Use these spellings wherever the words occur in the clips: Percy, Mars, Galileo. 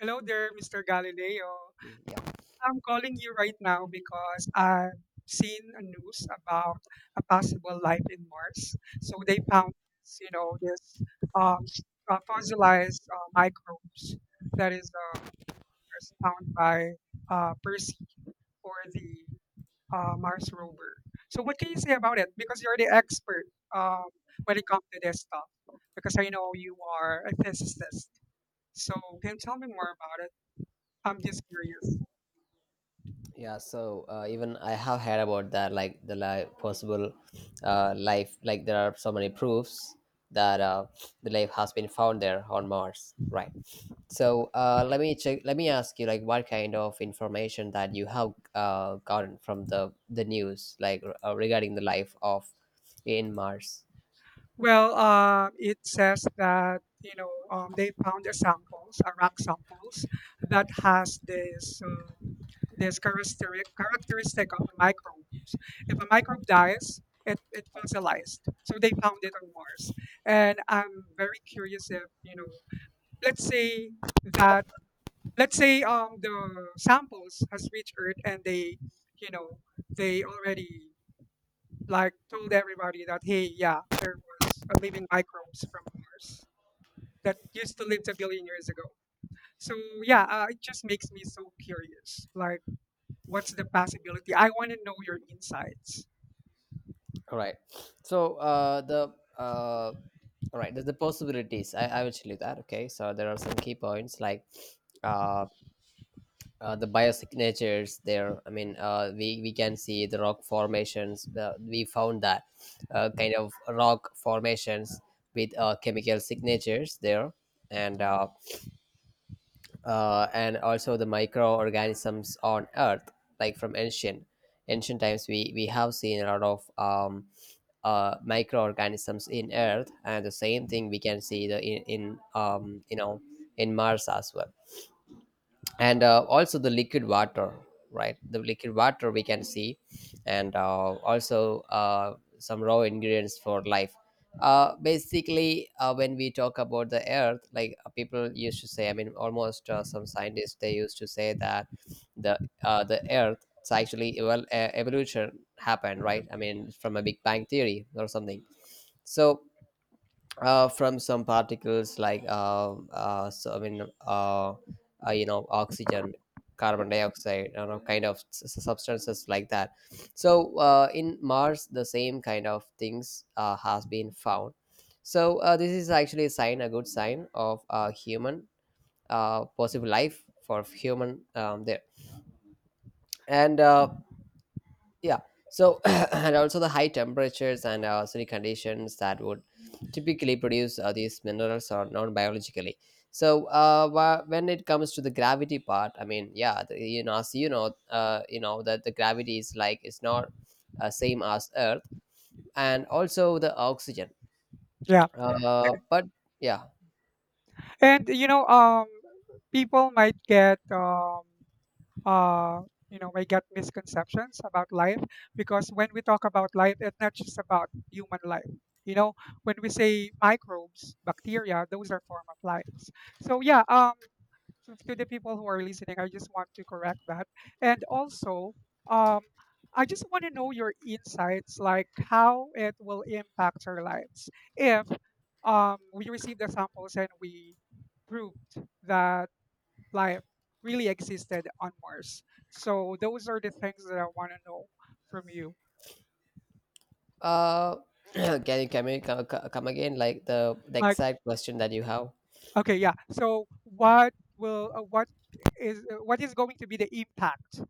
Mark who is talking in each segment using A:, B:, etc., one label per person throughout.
A: Hello there, Mr. Galileo.
B: Yeah.
A: I'm calling you right now because I've seen a news about a possible life in Mars. So they
B: Mhm.
A: found, this, um, s- fossilized microbes that is found by Percy or the Mars rover. So what can you say about it? Because you're the expert um, when it comes to this stuff. Because I know you are a physicist. So can you tell me more about it? I'm just curious.
B: Yeah, so even I have heard about that, like the life possible, life, like there are so many proofs that the life has been found there on Mars, right? So let me check, let me ask you, like what kind of information that you have gotten from the news, like regarding the life of in Mars.
A: Well, it says that you know they found the samples, rock samples, that has this this characteristic of microbes. If a microbe dies, it fossilized. So they found it on Mars, and I'm very curious if you know, let's say that let's say the samples has reached Earth, and they, you know, they already like told everybody that, hey, yeah, there was a living microbes from Mars that used to live a billion years ago. So yeah, it just makes me so curious, like, what's the possibility? I want to know your insights.
B: All right, so the uh, all right, the possibilities I will tell you that. Okay, so there are some key points, like uh, the biosignatures there. I mean, we can see the rock formations. We found that kind of rock formations with chemical signatures there, and uh, and also the microorganisms on Earth, like from ancient times. We have seen a lot of microorganisms in Earth, and the same thing we can see the in you know, in Mars as well. And also the liquid water, right? The liquid water we can see. And also some raw ingredients for life. Uh, basically, when we talk about the earth, like people used to say, I mean, almost some scientists, they used to say that the the earth, it's actually, well, evolution happened, right?
A: Mhm.
B: I mean, from a big bang theory or something. So from some particles, like so I mean, you know, oxygen, carbon dioxide, you know, kind of substances like that. So in Mars, the same kind of things has been found. So this is actually a sign, a good sign of human, possible life for human, there. And yeah, so and also the high temperatures and acidic conditions that would typically produce these minerals are known biologically. So when it comes to the gravity part, I mean, yeah, the, you know, as you know, you know that the gravity is like, it's not same as earth, and also the oxygen,
A: Yeah,
B: but yeah.
A: and you know, people might get uh, you know, may get misconceptions about life, because when we talk about life, it's not just about human life, you know. When we say microbes, bacteria, those are form of lives. So yeah, to the people who are listening, I just want to correct that. And also, um I just want to know your insights, like, how it will impact our lives if, we receive the samples and we proved that life really existed on Mars. So those are the things that I want to know from you.
B: Uh, can you co- co- come again, like the
A: Like,
B: exact question that you have.
A: okay, yeah. So what will, what is going to be the impact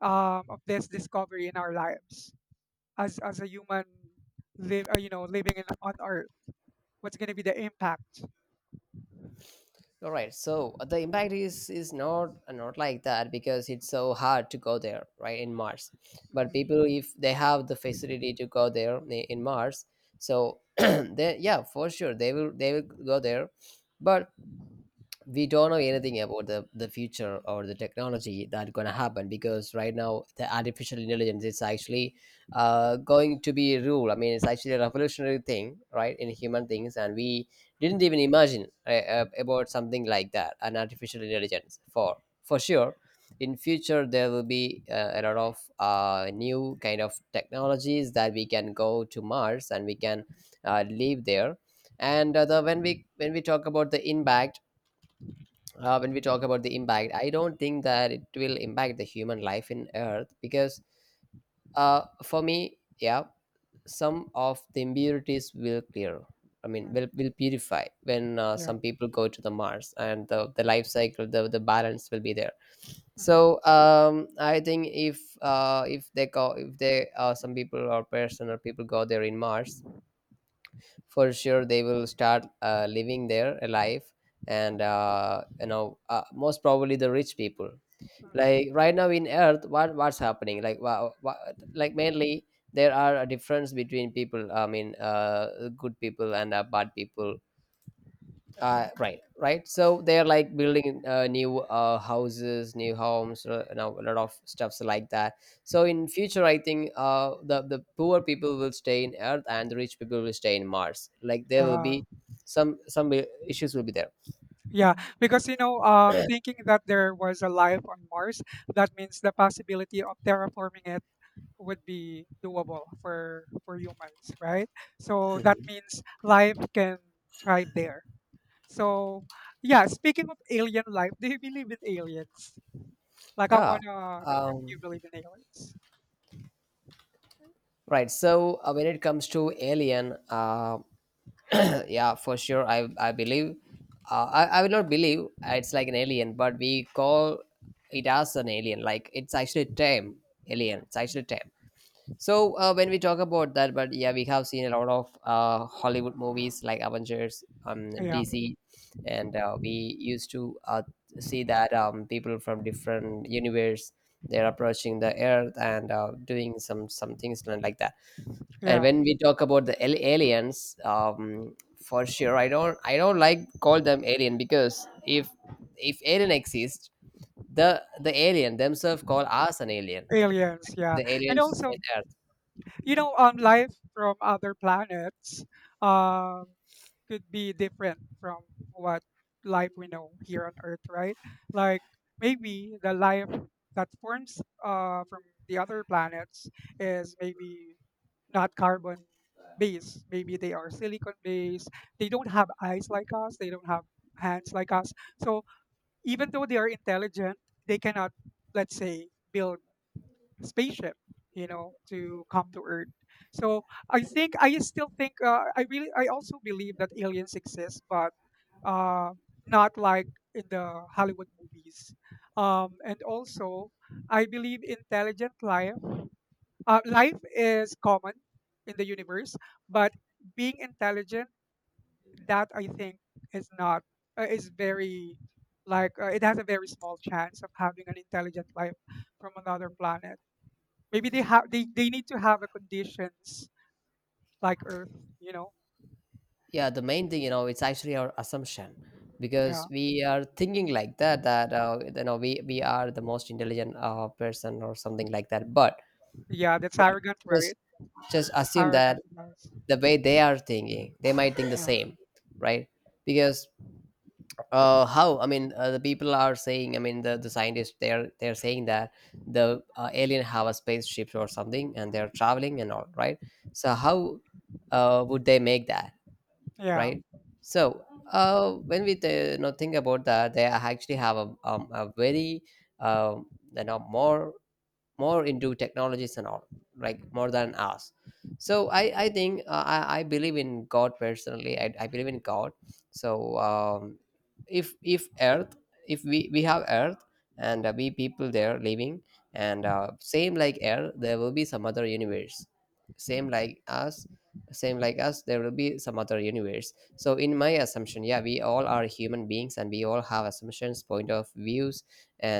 A: of this discovery in our lives as a human live, you know, living in on Earth? What's going to be the impact?
B: All right. So the impact is not not like that, because it's so hard to go there, right, in Mars. But people,
A: Mhm.
B: if they have the facility to go there, in Mars, so they, yeah, for sure they will, they will go there. But we don't know anything about the future or the technology that's going to happen, because right now the artificial intelligence is actually going to be a rule, I mean, it's actually a revolutionary thing, right, in human things, and we didn't even imagine about something like that, an artificial intelligence. For sure in future there will be a lot of new kind of technologies that we can go to Mars and we can live there. And when we, when we talk about the impact, when we talk about the impact, I don't think that it will impact the human life in Earth, because for me, yeah, some of the impurities will clear. I mean,
A: Mhm.
B: will purify when
A: Yeah.
B: some people go to the Mars, and the life cycle, the balance will be there.
A: Mhm.
B: So I think if they go, if they some people or person or people go there in Mars, for sure they will start living their life. And you know, most probably the rich people,
A: Mhm.
B: like right now in earth, what what's happening, like wow, like mainly there are a difference between people, I mean, good people and bad people. Right, right, so they're like building new houses, new homes, now a lot of stuffs like that. So in future I think the poor people will stay in earth and the rich people will stay in mars, like there will
A: Yeah.
B: be some issues will be there.
A: Yeah, because you know, thinking that there was a life on Mars, that means the possibility of terraforming it would be doable for humans, right? So that
B: Mhm.
A: means life can thrive there. So yeah, speaking of alien life, do you believe in aliens? Like, I
B: yeah
A: wanna know if you
B: um
A: believe in aliens.
B: Right. So when it comes to Alien, yeah, for sure, I believe, uh, I will not believe it's like an alien, but we call it as an alien. Like it's actually tame alien. It's actually
A: Mm.
B: tame. So when we talk about that, but yeah, we have seen a lot of Hollywood movies like Avengers,
A: Yeah,
B: DC, and we used to see that, people from different universe, they're approaching the Earth and doing some things like that. And
A: yeah,
B: when we talk about the aliens, for sure, I don't like call them alien, because if alien exists, the alien themselves call us an alien,
A: aliens, yeah.
B: the
A: And
B: aliens
A: also,
B: in Earth.
A: you know, life from other planets um, could be different from what life we know here on Earth, right? Like, maybe the life that forms from the other planets is maybe not carbon based. Maybe they are silicon based. They don't have eyes like us. They don't have hands like us. So even though they are intelligent, they cannot, let's say, build spaceship, you know, to come to Earth. So I think, I still think I really, I also believe that aliens exist, but uh, not like in the Hollywood movies. And also, I believe intelligent life, life is common in the universe, but being intelligent, that I think is not, is very like it has a very small chance of having an intelligent life from another planet. Maybe they have they need to have a conditions like Earth, you know?
B: Yeah, the main thing, you know, it's actually our assumption,
A: Yeah.
B: because we are thinking like that, that you know, we are the most intelligent person or something like that,
A: Yeah, that's
B: but
A: arrogant,
B: just
A: right?
B: just assume that
A: Arrogant. Yes.
B: the way they are thinking, they might think the
A: Yeah.
B: same, right? Because how, I mean, the people are saying, I mean, the scientists, they're saying that the alien have a spaceship or something, and they're traveling and all right, so how would they make that,
A: Yeah.
B: right? So when you know, think about that, they actually have a, a very, you know, more into technologies and all, like more than us. So I think I believe in god personally, I believe in god. So um, if earth, if we have earth, and we people there living, and same like earth, there will be some other universe, same
A: Mhm.
B: like us. Same like us, there will be some other universe. So in my assumption, yeah, we all are human beings and we all have assumptions, point of views,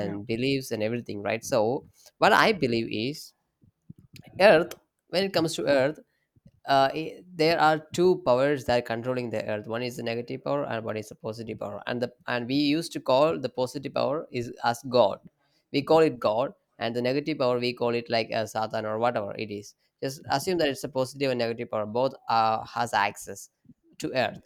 A: Yeah.
B: beliefs and everything, right? So what I believe is Earth, when it comes to Earth, there are two powers that are controlling the Earth. One is the negative power, and one is the positive power. And the and we used to call the positive power is as God. We call it God, and the negative power we call it like a Satan or whatever it is. Just assume that it's a positive and negative power. Both has access to Earth,
A: Mhm.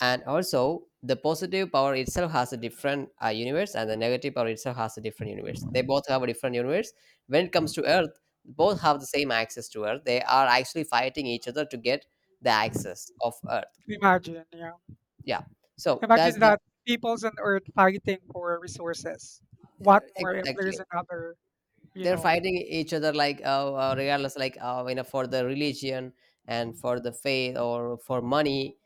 B: and also the positive power itself has a different universe, and the negative power itself has a different universe. They both have a different universe. When it comes to earth, both have the same access to earth. They are actually fighting each other to get the access of earth.
A: Imagine, yeah.
B: Yeah, so that's
A: Imagine
B: the,
A: that peoples on Earth fighting for resources. What more if
B: exactly.
A: there's another, you
B: They're
A: know?
B: fighting each other, like regardless, like you know, for the religion and for the faith or for money,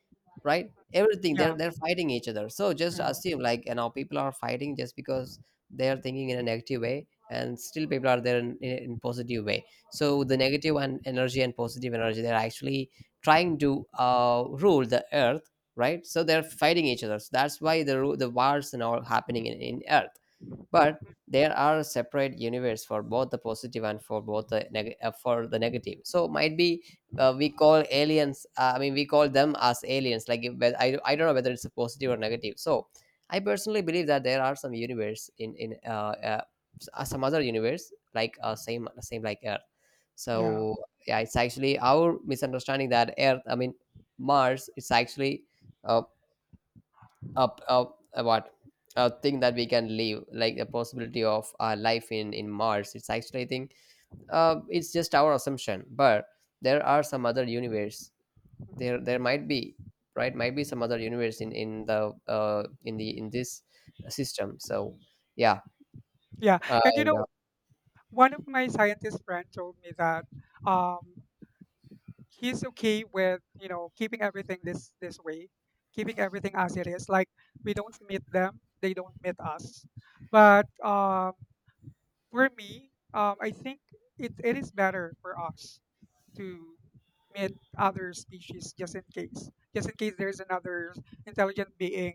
B: right? Everything,
A: Yeah.
B: they're fighting each other. So just
A: Yeah.
B: assume, like, you know, people are fighting just because they are thinking in a negative way, and still people are there in positive way. So the negative and energy and positive energy, they're actually trying to rule the earth, right? So they're fighting each other. So that's why the wars and all happening in earth. But there are separate universe for both the positive and for both for the negative. So might be we call aliens, I mean, we call them as aliens, like, if, but I don't know whether it's a positive or negative. So I personally believe that there are some universe in some other universe like same same like earth.
A: Yeah.
B: So yeah, it's actually our misunderstanding that earth, I mean, mars. It's actually uh, up up what, a thing that we can live, like the possibility of our life in mars, it's actually, I think it's just our assumption, but there are some other universe.
A: Mhm.
B: There might be, right, might be some other universe in the in the in this system. So yeah.
A: Yeah.
B: uh,
A: And you
B: and, uh,
A: know, one of my scientist friend told me that um he's okay with, you know, keeping everything this this way, keeping everything as it is, like we don't meet them, they don't meet us, but for me, I think it, it is better for us to meet other species, just in case, just in case there's another intelligent being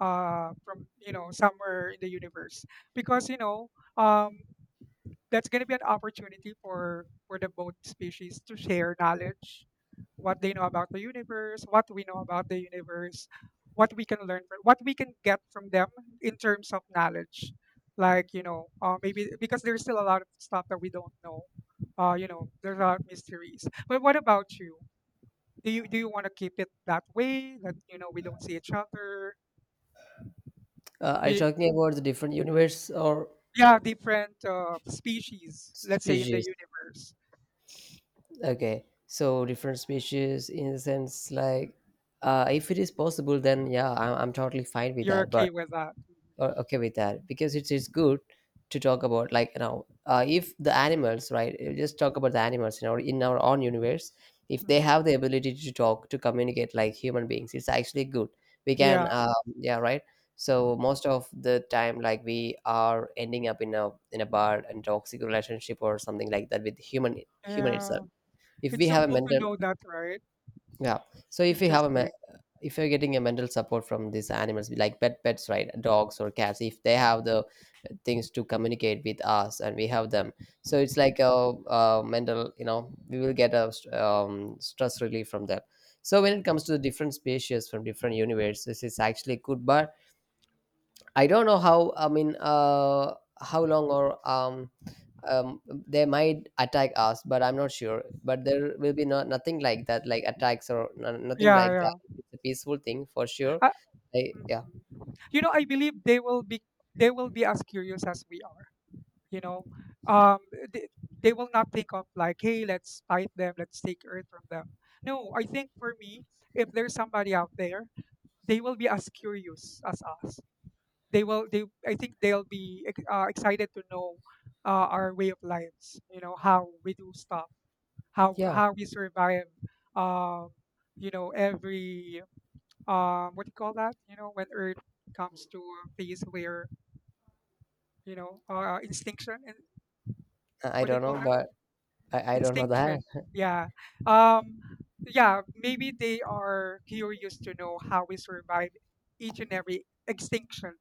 A: from, you know, somewhere in the universe, because you know, um, that's going to be an opportunity for the both species to share knowledge. What they know about the universe, what we know about the universe, what we can learn from, what we can get from them in terms of knowledge. Like, you know, maybe because there's still a lot of stuff that we don't know, you know, there's a lot of mysteries. But what about you? Do you, do you want to keep it that way, that, you know, we don't see each other?
B: are you
A: We,
B: talking about the different universe or
A: yeah, different species, let's say, in the
B: species?
A: universe.
B: Okay, so different species in the sense like, if it is possible, then yeah, I'm totally fine with
A: You're
B: that. But
A: okay with that.
B: okay with that, because it's good to talk about, like, you know, if the animals, right, just talk about the animals in our own universe. If they
A: Mhm.
B: have the ability to talk, to communicate like human beings, it's actually good. We can
A: Yeah,
B: yeah, right. So most of the time, like, we are ending up in a bad and toxic relationship or something like that with human, human itself.
A: yeah.
B: If
A: It's
B: we
A: so
B: have a
A: cool to
B: mental,
A: know that, right?
B: yeah. So if we have a,
A: Interesting.
B: if you're getting a mental support from these animals, like pet, pets, right, dogs or cats, if they have the things to communicate with us and we have them, so it's like a, uh, mental, you know, we will get a stress relief from that. So when it comes to the different species from different universes, it's actually good. But I don't know how, I mean, how long, or um, they might attack us, but I'm not sure. But there will be no, nothing like that, like attacks or no, nothing
A: Yeah,
B: like that.
A: yeah.
B: It's a peaceful thing for sure.
A: I, mhm.
B: Yeah,
A: You know, I believe they will be, they will be as curious as we are. You know, um, they, they will not think of like, hey, let's fight them, let's take Earth from them. No, I think for me, if there's somebody out there, they will be as curious as us. They will. They. I think they'll be excited to know our way of lives. You know, how we do stuff,
B: yeah.
A: how we survive. um you know, every, what do you call that you know, when earth comes to a phase where, you know, extinction and,
B: I
A: what do you
B: don't
A: call
B: know,
A: that
B: but
A: word?
B: I don't know that.
A: Extinction. Yeah. um yeah, maybe they are curious to know how we survive each and every extinction.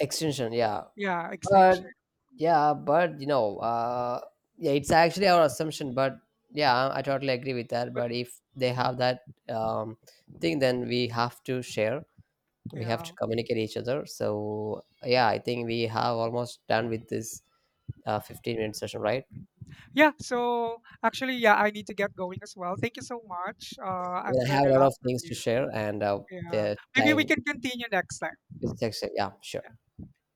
B: Extension. Yeah,
A: Yeah,
B: but
A: extinction.
B: yeah, but you know, yeah, it's actually our assumption. But yeah, I totally agree with that.
A: But
B: But if they have that um, thing, then we have to share. We have
A: yeah
B: to communicate each other. So yeah, I think we have almost done with this 15-minute session, right?
A: Yeah. So actually, yeah, I need to get going as well. Thank you so much. I've
B: Well, I have
A: learned
B: a
A: a
B: lot
A: lot
B: of
A: from
B: things to
A: you.
B: share, and
A: Yeah.
B: the
A: Maybe we
B: time
A: can continue next time.
B: is actually, yeah, sure.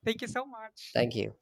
A: Thank you so much.
B: Thank you.